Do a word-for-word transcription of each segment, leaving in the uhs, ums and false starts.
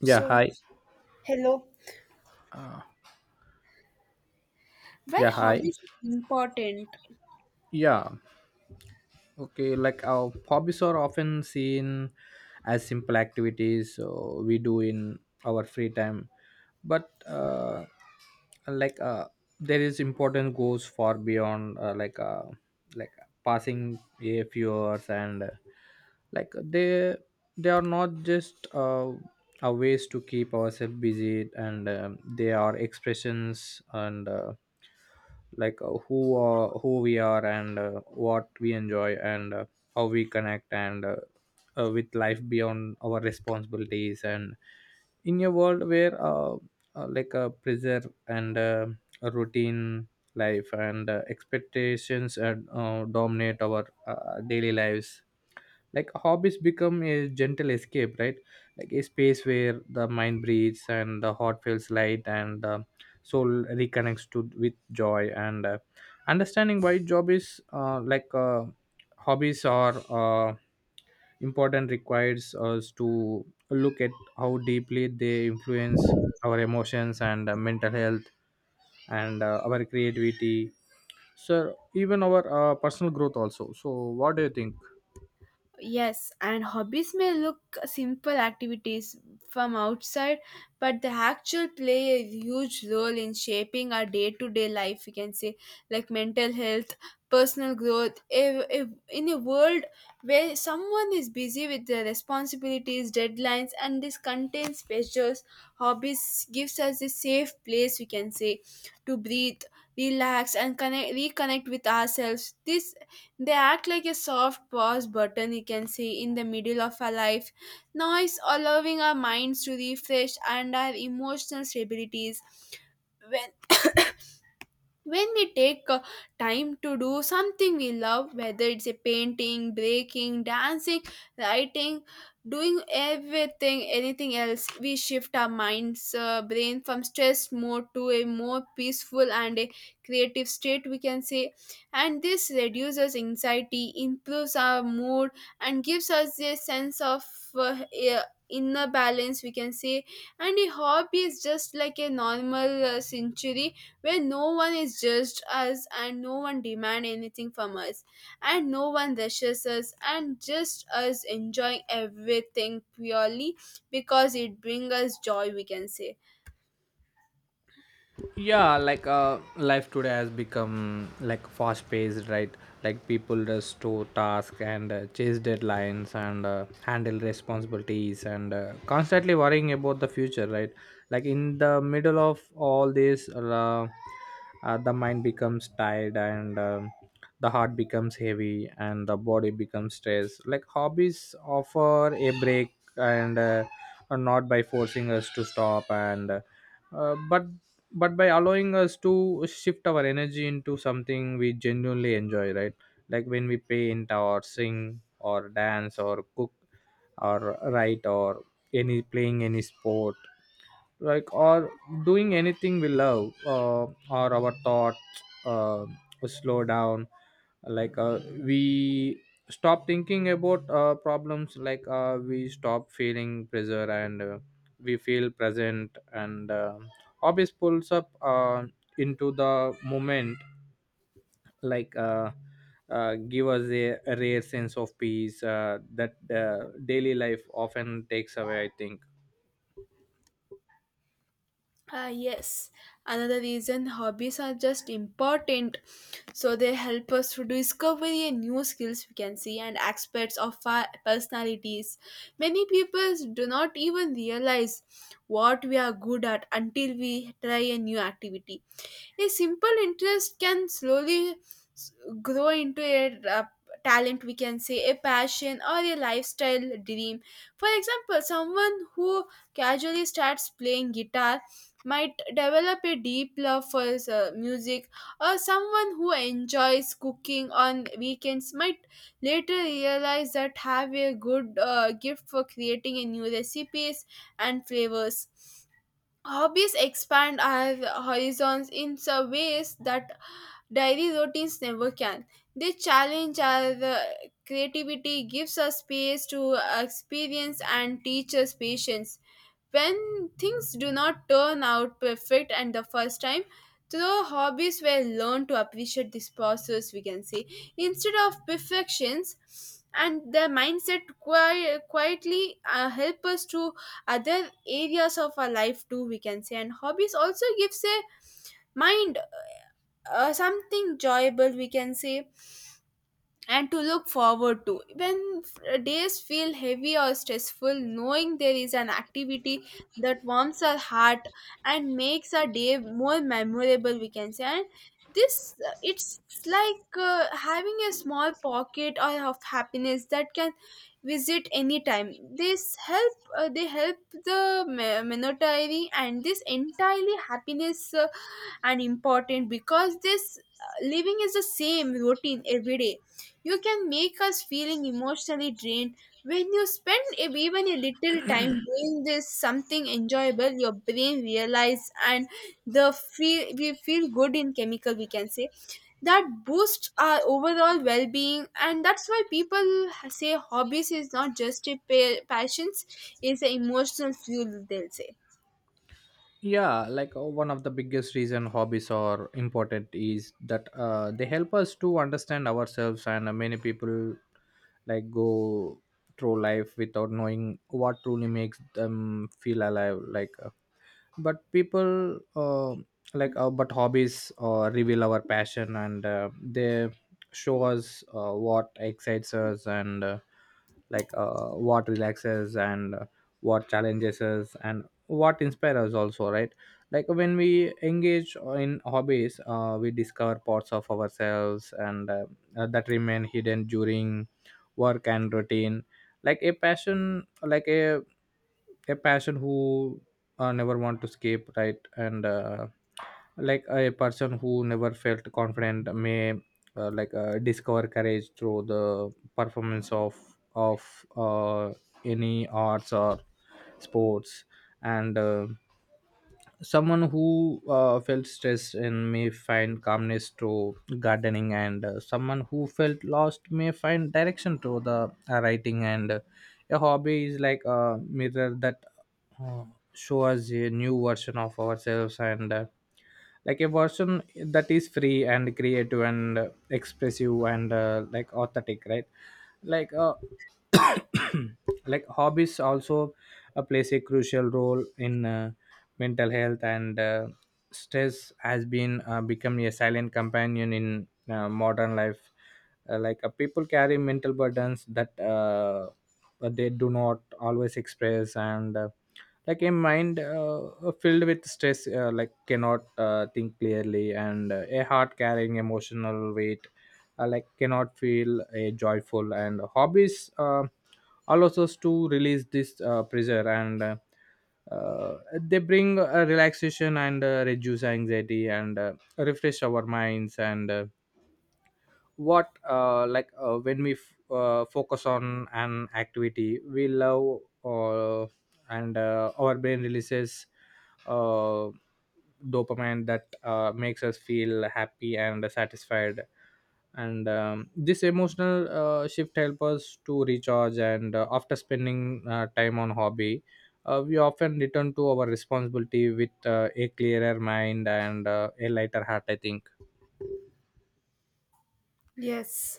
Yeah, So, hi. hello. Yeah, hi. Yeah. Okay, like our hobbies are often seen as simple activities uh, we do in our free time, but uh, like uh, there is important goes far beyond uh, like uh, like passing a few hours, and uh, like they they are not just uh, a ways to keep ourselves busy, and um, they are expressions, and. Uh, like uh, who are who we are, and uh, what we enjoy, and uh, how we connect, and uh, uh, with life beyond our responsibilities, and in a world where uh, uh, like a pressure, and uh, a routine life, and uh, expectations, and uh, dominate our uh, daily lives, like hobbies become a gentle escape, right? Like a space where the mind breathes and the heart feels light and the soul reconnects to with joy. And uh, understanding why job is uh, like uh, hobbies are uh, important requires us to look at how deeply they influence our emotions, and uh, mental health, and uh, our creativity, so even our uh, personal growth also. So what do you think? Yes, and hobbies may look simple activities from outside, but they actually play a huge role in shaping our day to day life. We can say, like mental health, personal growth. If, if, in a world where someone is busy with their responsibilities, deadlines, and this contains pressures, hobbies gives us a safe place. We can say to breathe, relax, and connect, reconnect with ourselves. This They act like a soft pause button you can see in the middle of our life noise, allowing our minds to refresh and our emotional stabilities when when we take uh, time to do something we love, whether it's a painting, baking, dancing, writing, doing everything, anything else. We shift our minds uh, brain from stress mode to a more peaceful and a creative state, we can say. And this reduces anxiety, improves our mood, and gives us a sense of uh, a- inner balance, we can say. And a hobby is just like a normal uh, century where no one is judged us and no one demand anything from us and no one rushes us and just us enjoying everything purely because it brings us joy, we can say. Yeah, like uh life today has become like fast paced, right? Like people just do tasks, and uh, chase deadlines, and uh, handle responsibilities, and uh, constantly worrying about the future, right? Like in the middle of all this, uh, uh, the mind becomes tired, and um, the heart becomes heavy, and the body becomes stressed, like hobbies offer a break, and uh, not by forcing us to stop, and uh, uh, but but by allowing us to shift our energy into something we genuinely enjoy, right? Like when we paint or sing or dance or cook or write or any playing any sport, like or doing anything we love, uh, or our thoughts uh, slow down. Like uh, we stop thinking about uh, problems, like uh, we stop feeling pressure, and uh, we feel present, and uh, hobbies pulls up uh, into the moment. Like uh, uh, give us a, a rare sense of peace uh, that uh, daily life often takes away, I think. Uh, yes, another reason hobbies are just important. So they help us to discover a new skills, we can see, and aspects of our personalities. Many people do not even realize what we are good at until we try a new activity. A simple interest can slowly s- grow into a uh, talent, we can say, a passion or a lifestyle dream. For example, someone who casually starts playing guitar might develop a deep love for uh, music, or someone who enjoys cooking on weekends might later realize that have a good uh, gift for creating a new recipes and flavors. Hobbies expand our horizons in some ways that diary routines never can. They challenge our uh, creativity, gives us space to experience, and teach us patience when things do not turn out perfect and the first time through hobbies were learned to appreciate this process, we can say, instead of perfections. And the mindset qui- quietly uh, help us to other areas of our life too, we can say. And hobbies also gives a mind uh, something enjoyable, we can say, and to look forward to. When f- days feel heavy or stressful, knowing there is an activity that warms our heart and makes our day more memorable, we can say. And this, uh, it's like uh, having a small pocket or of happiness that can visit anytime. This help, uh, they help the me- monetary and this entirely happiness uh, and important, because this uh, living is the same routine every day, you can make us feeling emotionally drained. When you spend ev- even a little time doing this something enjoyable, your brain realizes and the feel we feel good in chemical, we can say, that boosts our overall well-being. And that's why people say hobbies is not just a pa- passions, it's an emotional fuel, they'll say. Yeah, like uh, one of the biggest reason hobbies are important is that uh, they help us to understand ourselves, and uh, many people like go through life without knowing what truly makes them feel alive, like but people uh, like uh, but hobbies uh, reveal our passion, and uh, they show us uh, what excites us, and uh, like uh, what relaxes, and uh, what challenges us and what inspires us also, right? Like when we engage in hobbies, uh, we discover parts of ourselves, and uh, uh, that remain hidden during work and routine. Like a passion, like a a passion who uh, never want to escape, right? And uh, like a person who never felt confident may uh, like uh, discover courage through the performance of of uh, any arts or sports. And uh, someone who uh, felt stressed and may find calmness through gardening, and uh, someone who felt lost may find direction through the uh, writing. And uh, a hobby is like a mirror that uh, shows us a new version of ourselves, and. Uh, like a version that is free and creative, and uh, expressive, and uh, like authentic, right? Like uh, like hobbies also uh, plays a crucial role in uh, mental health, and uh, stress has been uh, become a silent companion in uh, modern life, uh, like uh, people carry mental burdens that uh, but they do not always express, and uh, like a mind uh, uh, filled with stress uh, like cannot uh, think clearly, and uh, a heart carrying emotional weight uh, like cannot feel a joyful, and hobbies uh, allows us to release this uh, pressure, and uh, uh, they bring a relaxation, and uh, reduce anxiety, and uh, refresh our minds, and uh, what uh, like uh, when we f- uh, focus on an activity we love, uh, and uh, our brain releases uh, dopamine that uh, makes us feel happy and satisfied. And um, this emotional uh, shift helps us to recharge, and uh, after spending uh, time on hobby, uh, we often return to our responsibility with uh, a clearer mind, and uh, a lighter heart, I think. Yes.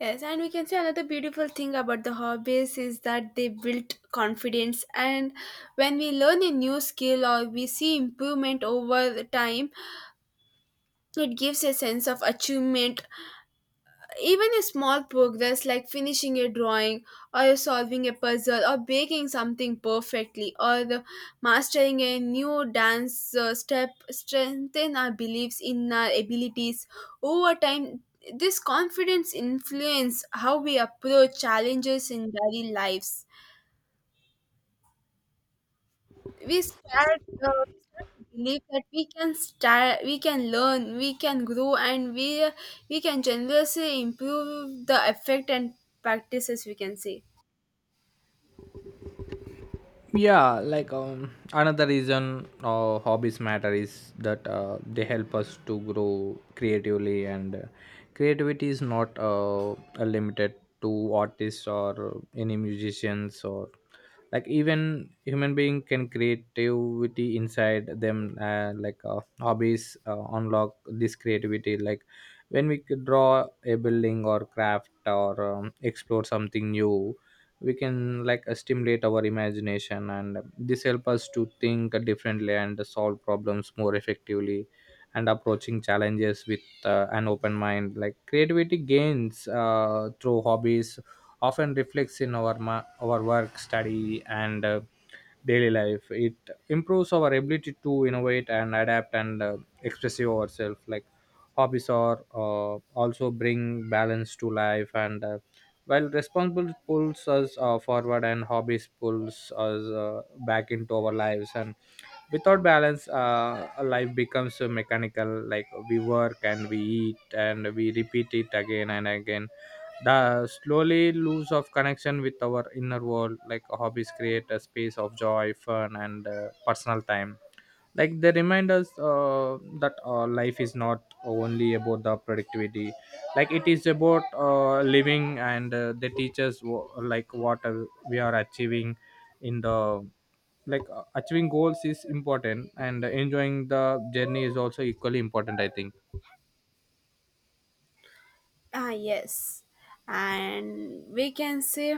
Yes, and we can say another beautiful thing about the hobbies is that they build confidence. And when we learn a new skill or we see improvement over time, it gives a sense of achievement, even a small progress like finishing a drawing or solving a puzzle or baking something perfectly or the mastering a new dance uh, step strengthen our beliefs in our abilities. Over time, this confidence influence how we approach challenges in daily lives. We start uh, we start to believe that we can start, we can learn, we can grow, and we we can generously improve the effect and practices, we can say. Yeah, like um another reason uh, hobbies matter is that uh, they help us to grow creatively, and uh, creativity is not uh, limited to artists or any musicians, or like even human being can creativity inside them, uh, like uh, hobbies uh, unlock this creativity. Like when we could draw a building or craft, or um, explore something new, we can like uh, stimulate our imagination, and this help us to think differently and solve problems more effectively, and approaching challenges with uh, an open mind. Like creativity gains uh, through hobbies often reflects in our ma- our work study, and uh, daily life. It improves our ability to innovate and adapt, and uh, express ourselves. Like hobbies are uh, also bring balance to life, and uh, while responsible pulls us uh, forward, and hobbies pulls us uh, back into our lives, and without balance uh, life becomes uh, mechanical. Like we work, and we eat, and we repeat it again and again, the slowly lose of connection with our inner world. Like hobbies create a space of joy fun, and uh, personal time, like they remind us uh, that uh, life is not only about the productivity, like it is about uh, living, and uh, they teach us wh- like what uh, we are achieving in the, like uh, achieving goals is important, and enjoying the journey is also equally important, I think. Ah, yes, and we can say,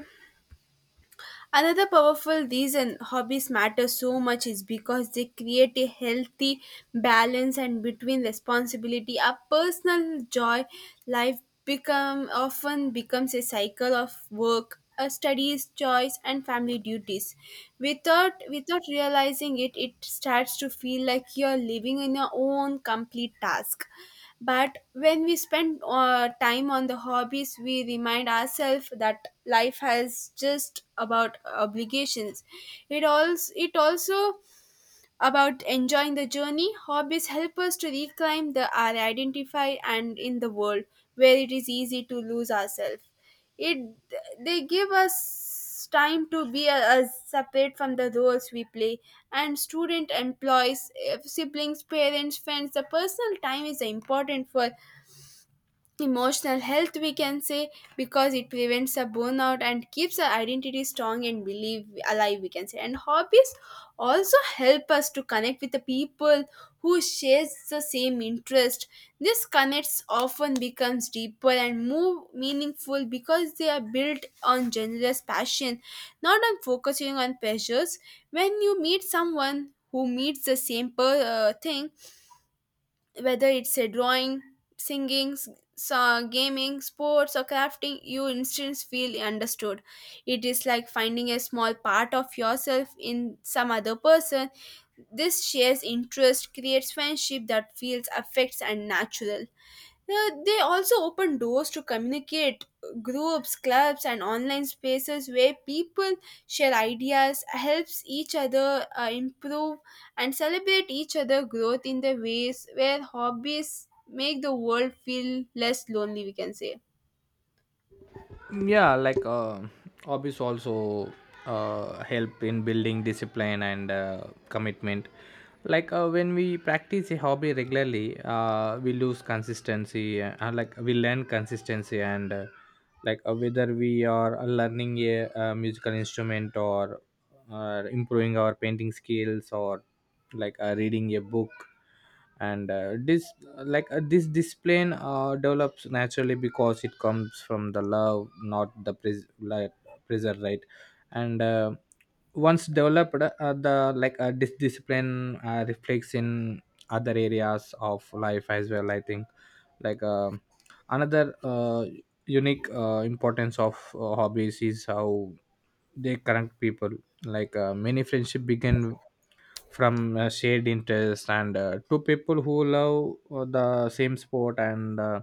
another powerful reason hobbies matter so much is because they create a healthy balance and between responsibility. Our personal joy life become often becomes a cycle of work, uh, studies, choice and family duties. Without without realizing it, it starts to feel like you're living in your own complete task. But when we spend uh, time on the hobbies, we remind ourselves that life has just about obligations. It also it also about enjoying the journey. Hobbies help us to reclaim the, our identify, and in the world where it is easy to lose ourselves, It they give us time to be uh, separate from the roles we play and student employees, eh, siblings, parents, friends. The personal time is important for emotional health, we can say, because it prevents a burnout and keeps our identity strong and believe alive, we can say. And hobbies also help us to connect with the people who shares the same interest. This connects often becomes deeper and more meaningful because they are built on generous passion, not on focusing on pleasures. When you meet someone who meets the same per, uh, thing, whether it's a drawing, singing, s- so gaming, sports, or crafting, you instantly feel understood. It is like finding a small part of yourself in some other person. This shares interest creates friendship that feels affects and natural. Uh, they also open doors to communicate groups, clubs, and online spaces where people share ideas, helps each other uh, improve, and celebrate each other growth in the ways where hobbies make the world feel less lonely, we can say. Yeah, like uh, hobbies also uh, help in building discipline, and uh, commitment, like uh, when we practice a hobby regularly, uh, we lose consistency uh, uh, like we learn consistency, and uh, like uh, whether we are learning a, uh musical instrument, or uh, improving our painting skills, or like uh, reading a book, and uh, this like uh, this discipline uh, develops naturally because it comes from the love not the pres- like, pressure, right? And uh, once developed uh, the like uh, this discipline uh, reflects in other areas of life as well, I think. Like uh, another uh, unique uh, importance of uh, hobbies is how they connect people. Like uh, many friendship begin from uh, shared interest, and uh, two people who love uh, the same sport, and uh,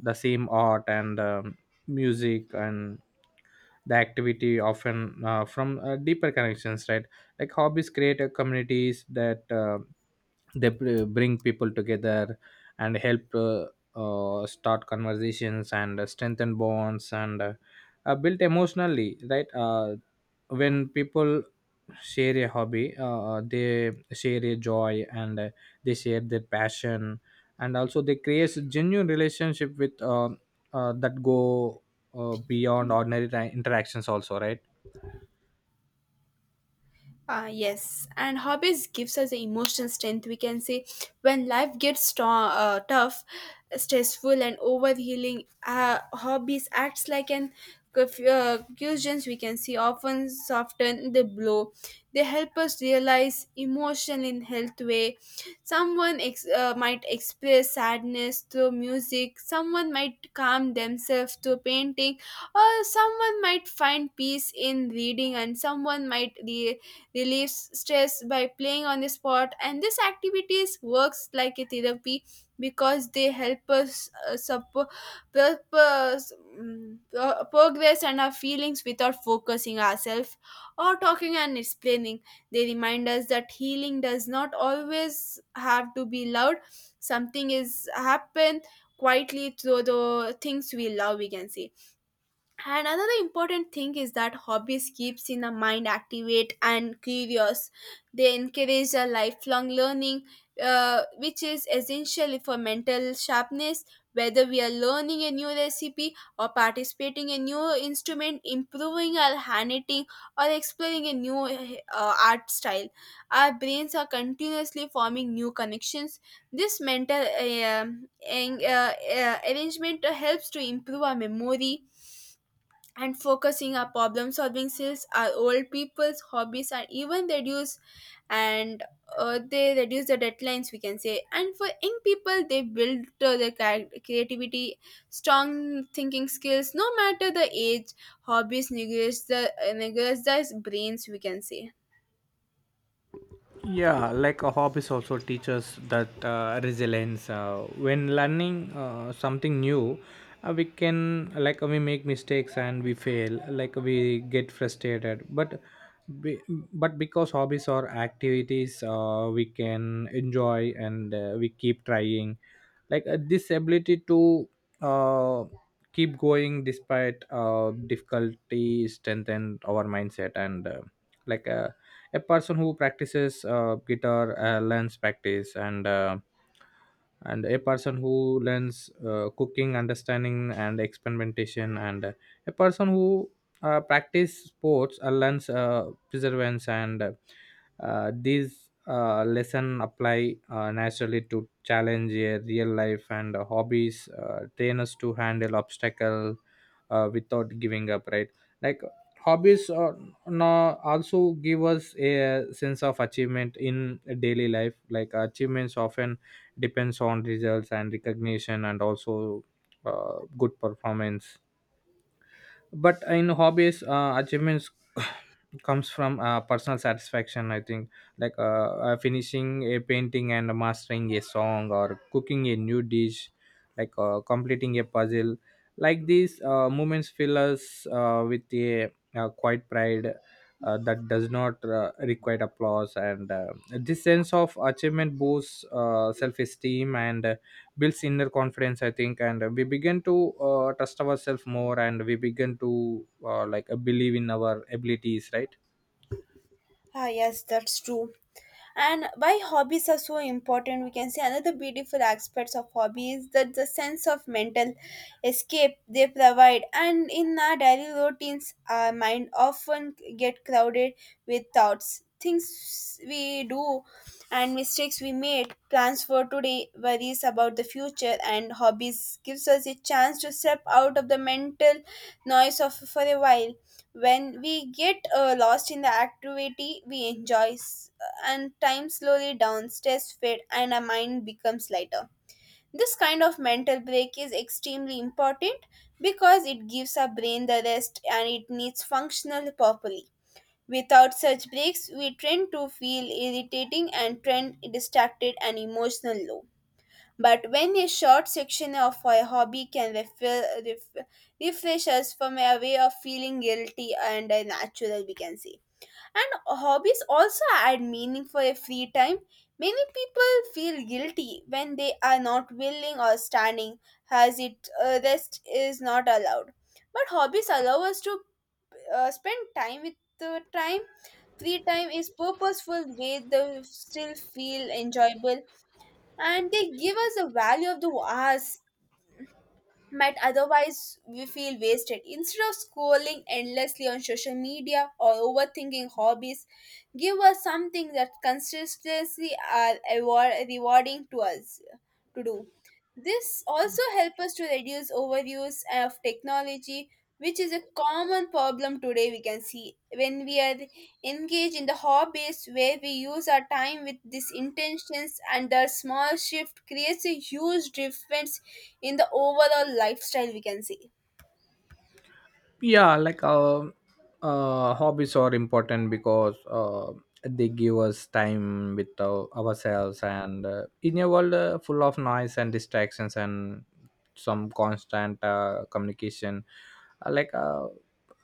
the same art, and um, music, and the activity often uh, from uh, deeper connections, right? Like hobbies create uh, communities that uh, they br- bring people together, and help uh, uh, start conversations, and uh, strengthen bonds, and uh, uh, built emotionally, right? uh, when people share a hobby, uh, uh, they share a joy, and uh, they share their passion, and also they create a genuine relationship with um uh, that go uh, beyond ordinary ti- interactions also, right? Uh, yes, and hobbies gives us the emotional strength, we can say. When life gets strong, uh, tough, stressful, and overhealing, uh, hobbies acts like an curf- uh, cushions, we can see, often soften the blow. They help us realize emotion in health way. Someone ex- uh, might express sadness through music. Someone might calm themselves through painting, or someone might find peace in reading, and someone might Re- relieves stress by playing on the spot. And this activities works like a therapy because they help us uh, sup- purpose, mm, pro- progress and our feelings without focusing ourselves or talking and explaining. They remind us that healing does not always have to be loud, something is happen quietly through the things we love, we can say. And another important thing is that hobbies keeps in the mind activate and curious. They encourage a lifelong learning, uh, which is essential for mental sharpness. Whether we are learning a new recipe or participating in a new instrument, improving our handwriting, or exploring a new uh, art style, our brains are continuously forming new connections. This mental uh, um, en- uh, uh, arrangement helps to improve our memory and focusing our problem solving skills. Our old people's hobbies are even reduce, and uh, they reduce the deadlines, we can say. And for young people, they build uh, their charac- creativity, strong thinking skills. No matter the age, hobbies negate the uh, negates the brains, we can say. Yeah, like a hobbies also teaches that uh, resilience. uh, when learning uh, something new, uh, we can like we make mistakes and we fail, like we get frustrated, but be, but because hobbies are activities, uh, we can enjoy, and uh, we keep trying. Like uh, this ability to uh, keep going despite uh, difficulty strengthen our mindset, and uh, like uh, a person who practices uh, guitar uh, learns practice, and uh, and a person who learns uh, cooking understanding and experimentation, and uh, a person who uh, practice sports uh, learns uh, perseverance, and uh, these uh, lesson apply uh, naturally to challenge a real life, and uh, hobbies uh, train us to handle obstacle uh, without giving up, right? Like hobbies are no, also give us a sense of achievement in daily life. Like achievements often depends on results and recognition, and also uh, good performance, but in hobbies uh, achievements comes from uh, personal satisfaction, I think. Like uh, uh, finishing a painting, and mastering a song, or cooking a new dish, like uh, completing a puzzle, like these uh, moments fill us uh, with a, uh quiet pride uh, that does not uh, require applause, and uh, this sense of achievement boosts uh, self-esteem, and uh, builds inner confidence, I think. And uh, we begin to uh, trust ourselves more, and we begin to uh, like uh, believe in our abilities, right? Ah, yes, that's true. And why hobbies are so important, we can say, another beautiful aspects of hobby is that the sense of mental escape they provide. And in our daily routines, our mind often get crowded with thoughts, things we do and mistakes we made, plans for today, worries about the future. And hobbies gives us a chance to step out of the mental noise of for a while. When we get uh, lost in the activity we enjoy, s- and time slowly down, stress fade, and our mind becomes lighter. This kind of mental break is extremely important because it gives our brain the rest and it needs functional properly. Without such breaks, we tend to feel irritating and trend distracted and emotional low. But when a short section of a hobby can refer, ref, refresh us from a way of feeling guilty and uh, natural, we can say. And hobbies also add meaning for a free time. Many people feel guilty when they are not willing or standing, as it uh, rest is not allowed. But hobbies allow us to uh, spend time with the time. Free time is purposeful way, they still feel enjoyable, and they give us the value of the hours might otherwise we feel wasted. Instead of scrolling endlessly on social media or overthinking hobbies, give us something that consistently are award- rewarding to us to do. This also helps us to reduce overuse of technology, which is a common problem today. We can see when we are engaged in the hobbies where we use our time with these intentions, and the small shift creates a huge difference in the overall lifestyle, we can say. Yeah, like um uh, hobbies are important because uh, they give us time with our, ourselves, and uh, in a world uh, full of noise and distractions, and some constant uh, communication, uh, like uh,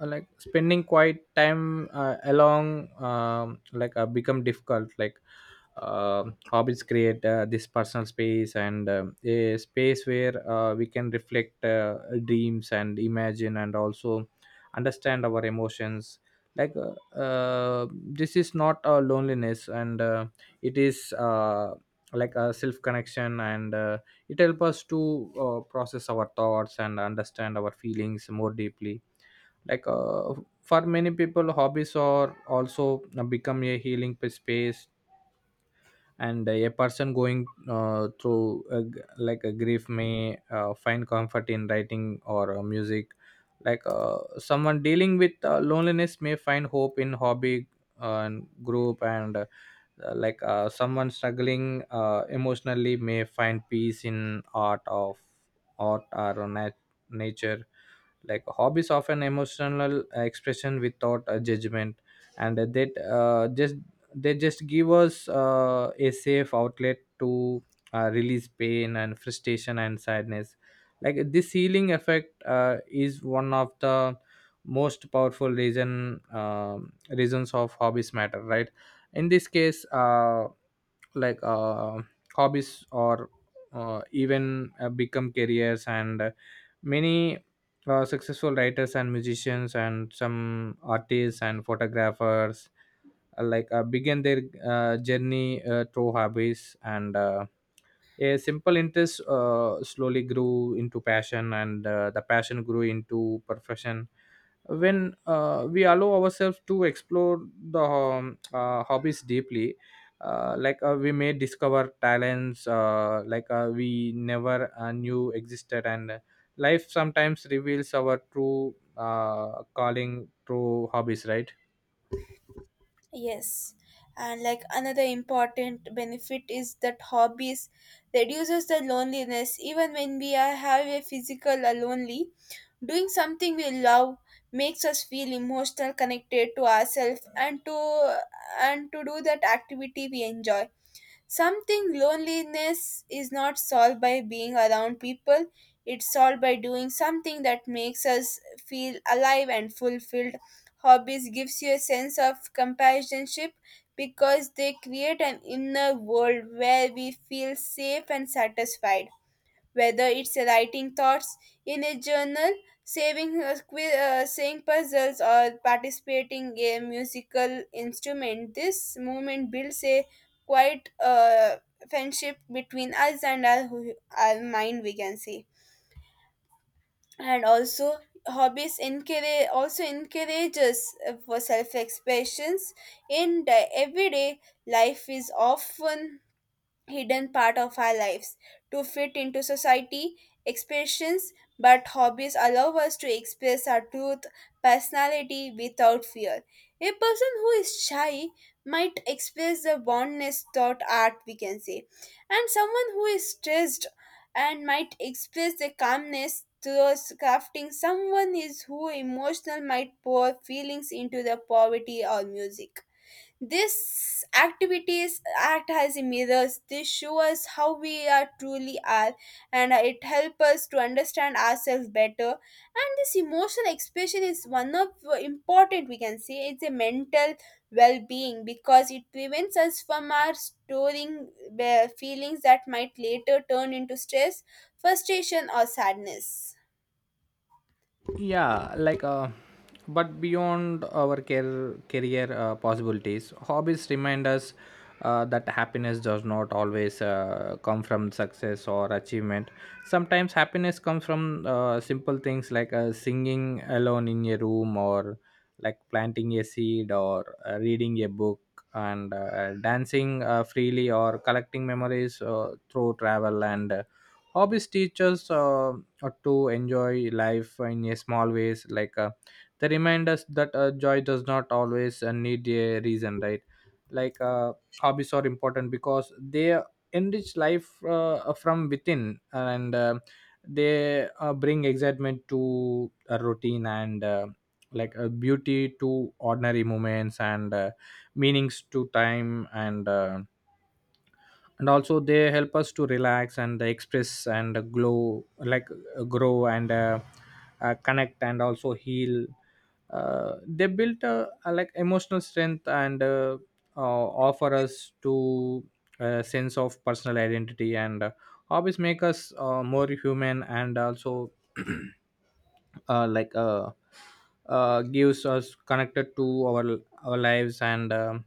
uh, like spending quiet time uh, along um, like uh, become difficult. Like uh, hobbies create uh, this personal space, and um a space where uh, we can reflect uh, dreams, and imagine, and also understand our emotions, like uh, uh, this is not a loneliness, and uh, it is uh, like a self connection, and uh, it helps us to uh, process our thoughts and understand our feelings more deeply. like uh, for many people, hobbies are also uh, become a healing p- space, and a person going uh, through a g like a grief may uh, find comfort in writing or uh, music. Like uh, someone dealing with uh, loneliness may find hope in hobby uh, and group, and uh, like uh, someone struggling uh, emotionally may find peace in art of art or nat- nature. Like, hobbies often emotional uh, expression without a judgment, and that uh, just they just give us uh, a safe outlet to uh, release pain and frustration and sadness. Like, this healing effect uh, is one of the most powerful reason um reasons of hobbies matter, right? In this case, uh, like uh, hobbies or uh, even uh, become careers, and uh, many uh, successful writers and musicians and some artists and photographers, uh, like uh, begin their uh, journey uh, through hobbies, and uh, a simple interest uh, slowly grew into passion, and uh, the passion grew into profession. When uh, we allow ourselves to explore the um, uh, hobbies deeply, uh, like uh, we may discover talents, uh, like uh, we never uh, knew existed, and uh, life sometimes reveals our true uh, calling through hobbies, right? Yes, and like another important benefit is that hobbies reduces the loneliness even when we are have a physical or lonely. Doing something we love makes us feel emotional connected to ourselves and to and to do that activity we enjoy. Something loneliness is not solved by being around people, it's solved by doing something that makes us feel alive and fulfilled. Hobbies gives you a sense of companionship because they create an inner world where we feel safe and satisfied, whether it's writing thoughts in a journal, saving uh, qui- uh, saying puzzles, or participating a musical instrument. This movement builds a quite uh, friendship between us and our, our mind, we can say. And also, hobbies encourage also encourages uh, for self expressions in the everyday life is often hidden part of our lives to fit into society expectations, but hobbies allow us to express our truth personality without fear. A person who is shy might express the boldness thought art, we can say, and someone who is stressed and might express the calmness through crafting. Someone is who emotional might pour feelings into the poverty or music. These activities act as mirrors. They show us how we are truly are, and it helps us to understand ourselves better. And this emotional expression is one of important, we can say, it's a mental well-being, because it prevents us from our storing uh, feelings that might later turn into stress, frustration, or sadness. Yeah like uh But beyond our care, career uh, possibilities, hobbies remind us uh, that happiness does not always uh, come from success or achievement. Sometimes happiness comes from uh, simple things like uh, singing alone in a room, or like planting a seed, or uh, reading a book, and uh, dancing uh, freely, or collecting memories uh, through travel. And uh, hobbies teach us uh, or to enjoy life in a small ways. Like uh, they remind us that uh, joy does not always uh, need a reason, right? like uh, Hobbies are important because they enrich life uh, from within, and uh, they uh, bring excitement to a routine, and uh, like a beauty to ordinary moments, and uh, meanings to time. And uh, and also, they help us to relax and express and glow like uh, grow, and uh, uh, connect and also heal. Uh, they built a, a like emotional strength, and uh, uh, offer us to a sense of personal identity. And uh, hobbies make us uh, more human, and also uh, like uh, uh, gives us connected to our our lives, and um,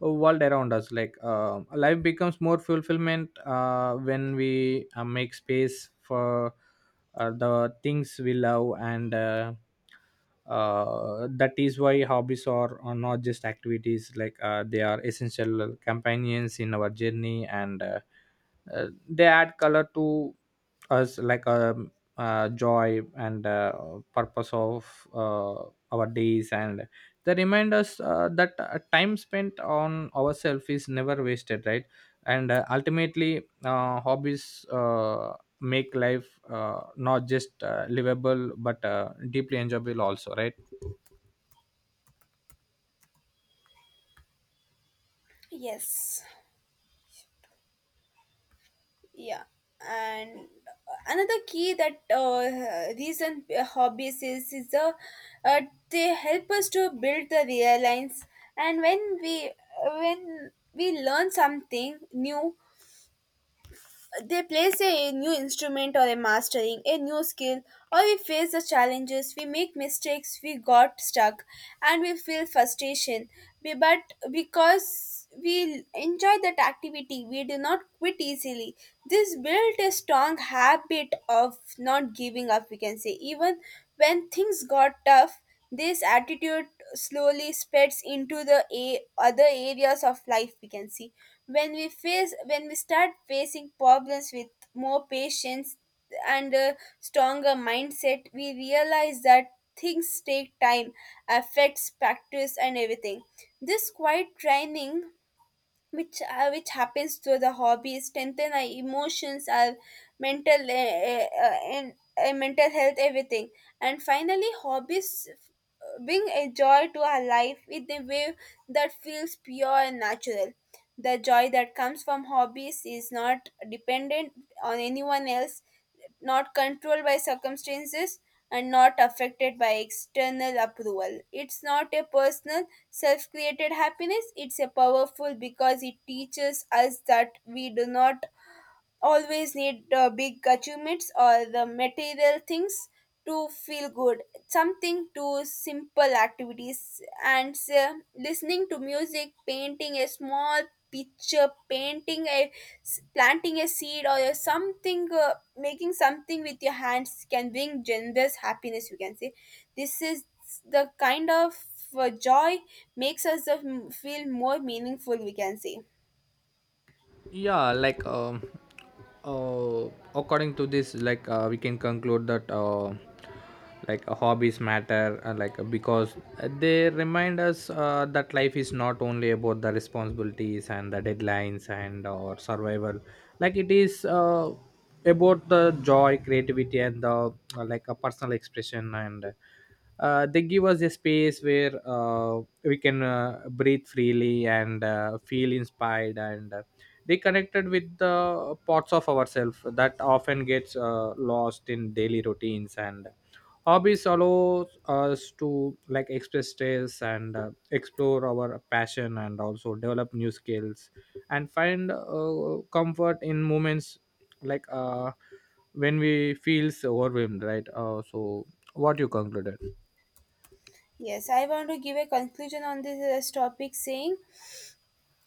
world around us. Like uh, life becomes more fulfillment uh, when we uh, make space for uh, the things we love. And uh, uh, that is why hobbies are, are not just activities. Like uh, they are essential companions in our journey, and uh, uh, they add color to us, like um, uh, joy and uh, purpose of uh, our days, and they remind us uh, that uh, time spent on ourselves is never wasted, right? And uh, ultimately, uh, hobbies uh, make life uh, not just uh, livable, but uh, deeply enjoyable also, right? Yes. Yeah, and another key that uh, reason uh, hobbies is is the uh, they help us to build the realigns, and when we when we learn something new, they place a new instrument or a mastering a new skill, or we face the challenges, we make mistakes, we got stuck, and we feel frustration. We, but because we enjoy that activity, we do not quit easily. This built a strong habit of not giving up, we can say, even when things got tough. This attitude slowly spreads into the a- other areas of life, we can see. When we face when we start facing problems with more patience and a stronger mindset, we realize that things take time, affects practice and everything. This quiet training which uh, which happens through the hobby strengthen our emotions, our mental uh, uh, uh, and uh, mental health, everything. And finally, hobbies uh, bring a joy to our life in a way that feels pure and natural. The joy that comes from hobbies is not dependent on anyone else, not controlled by circumstances, and not affected by external approval. It's not a personal, self created happiness, it's a powerful, because it teaches us that we do not always need uh, big achievements or the material things to feel good. Something to simple activities, and uh, listening to music, painting a small picture, painting a s- planting a seed, or a something, uh, making something with your hands can bring generous happiness, you can say. This is the kind of uh, joy makes us uh, m- feel more meaningful, we can say. Yeah like um uh, According to this, like uh, we can conclude that, uh, like uh, hobbies matter, uh, like uh, because they remind us uh, that life is not only about the responsibilities and the deadlines and or survival. Like it is, uh, about the joy, creativity, and the uh, like a personal expression. And uh, they give us a space where uh, we can uh, breathe freely and uh, feel inspired, and uh, they connected with the parts of ourselves that often gets uh, lost in daily routines. And hobbies allow us to like express stress, and uh, explore our passion, and also develop new skills, and find uh, comfort in moments like uh, when we feels overwhelmed, right? Uh, so what you concluded? Yes, I want to give a conclusion on this uh, topic, saying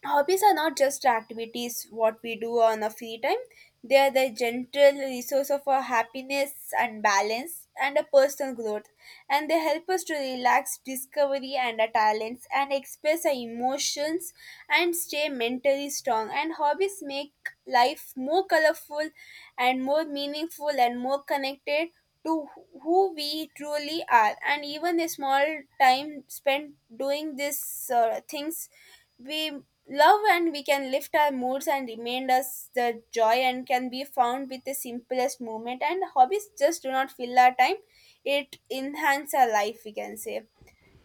hobbies are not just activities what we do on our free time. They are the gentle resource of our happiness and balance and a personal growth. And they help us to relax, discovery and our talents and express our emotions and stay mentally strong. And hobbies make life more colorful and more meaningful and more connected to wh- who we truly are. And even a small time spent doing these uh, things we love, and we can lift our moods and remind us the joy and can be found with the simplest moment, and hobbies just do not fill our time, it enhance our life, we can say.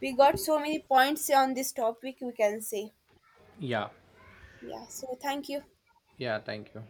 We got so many points on this topic, we can say. Yeah, Yeah, so thank you. yeah, thank you.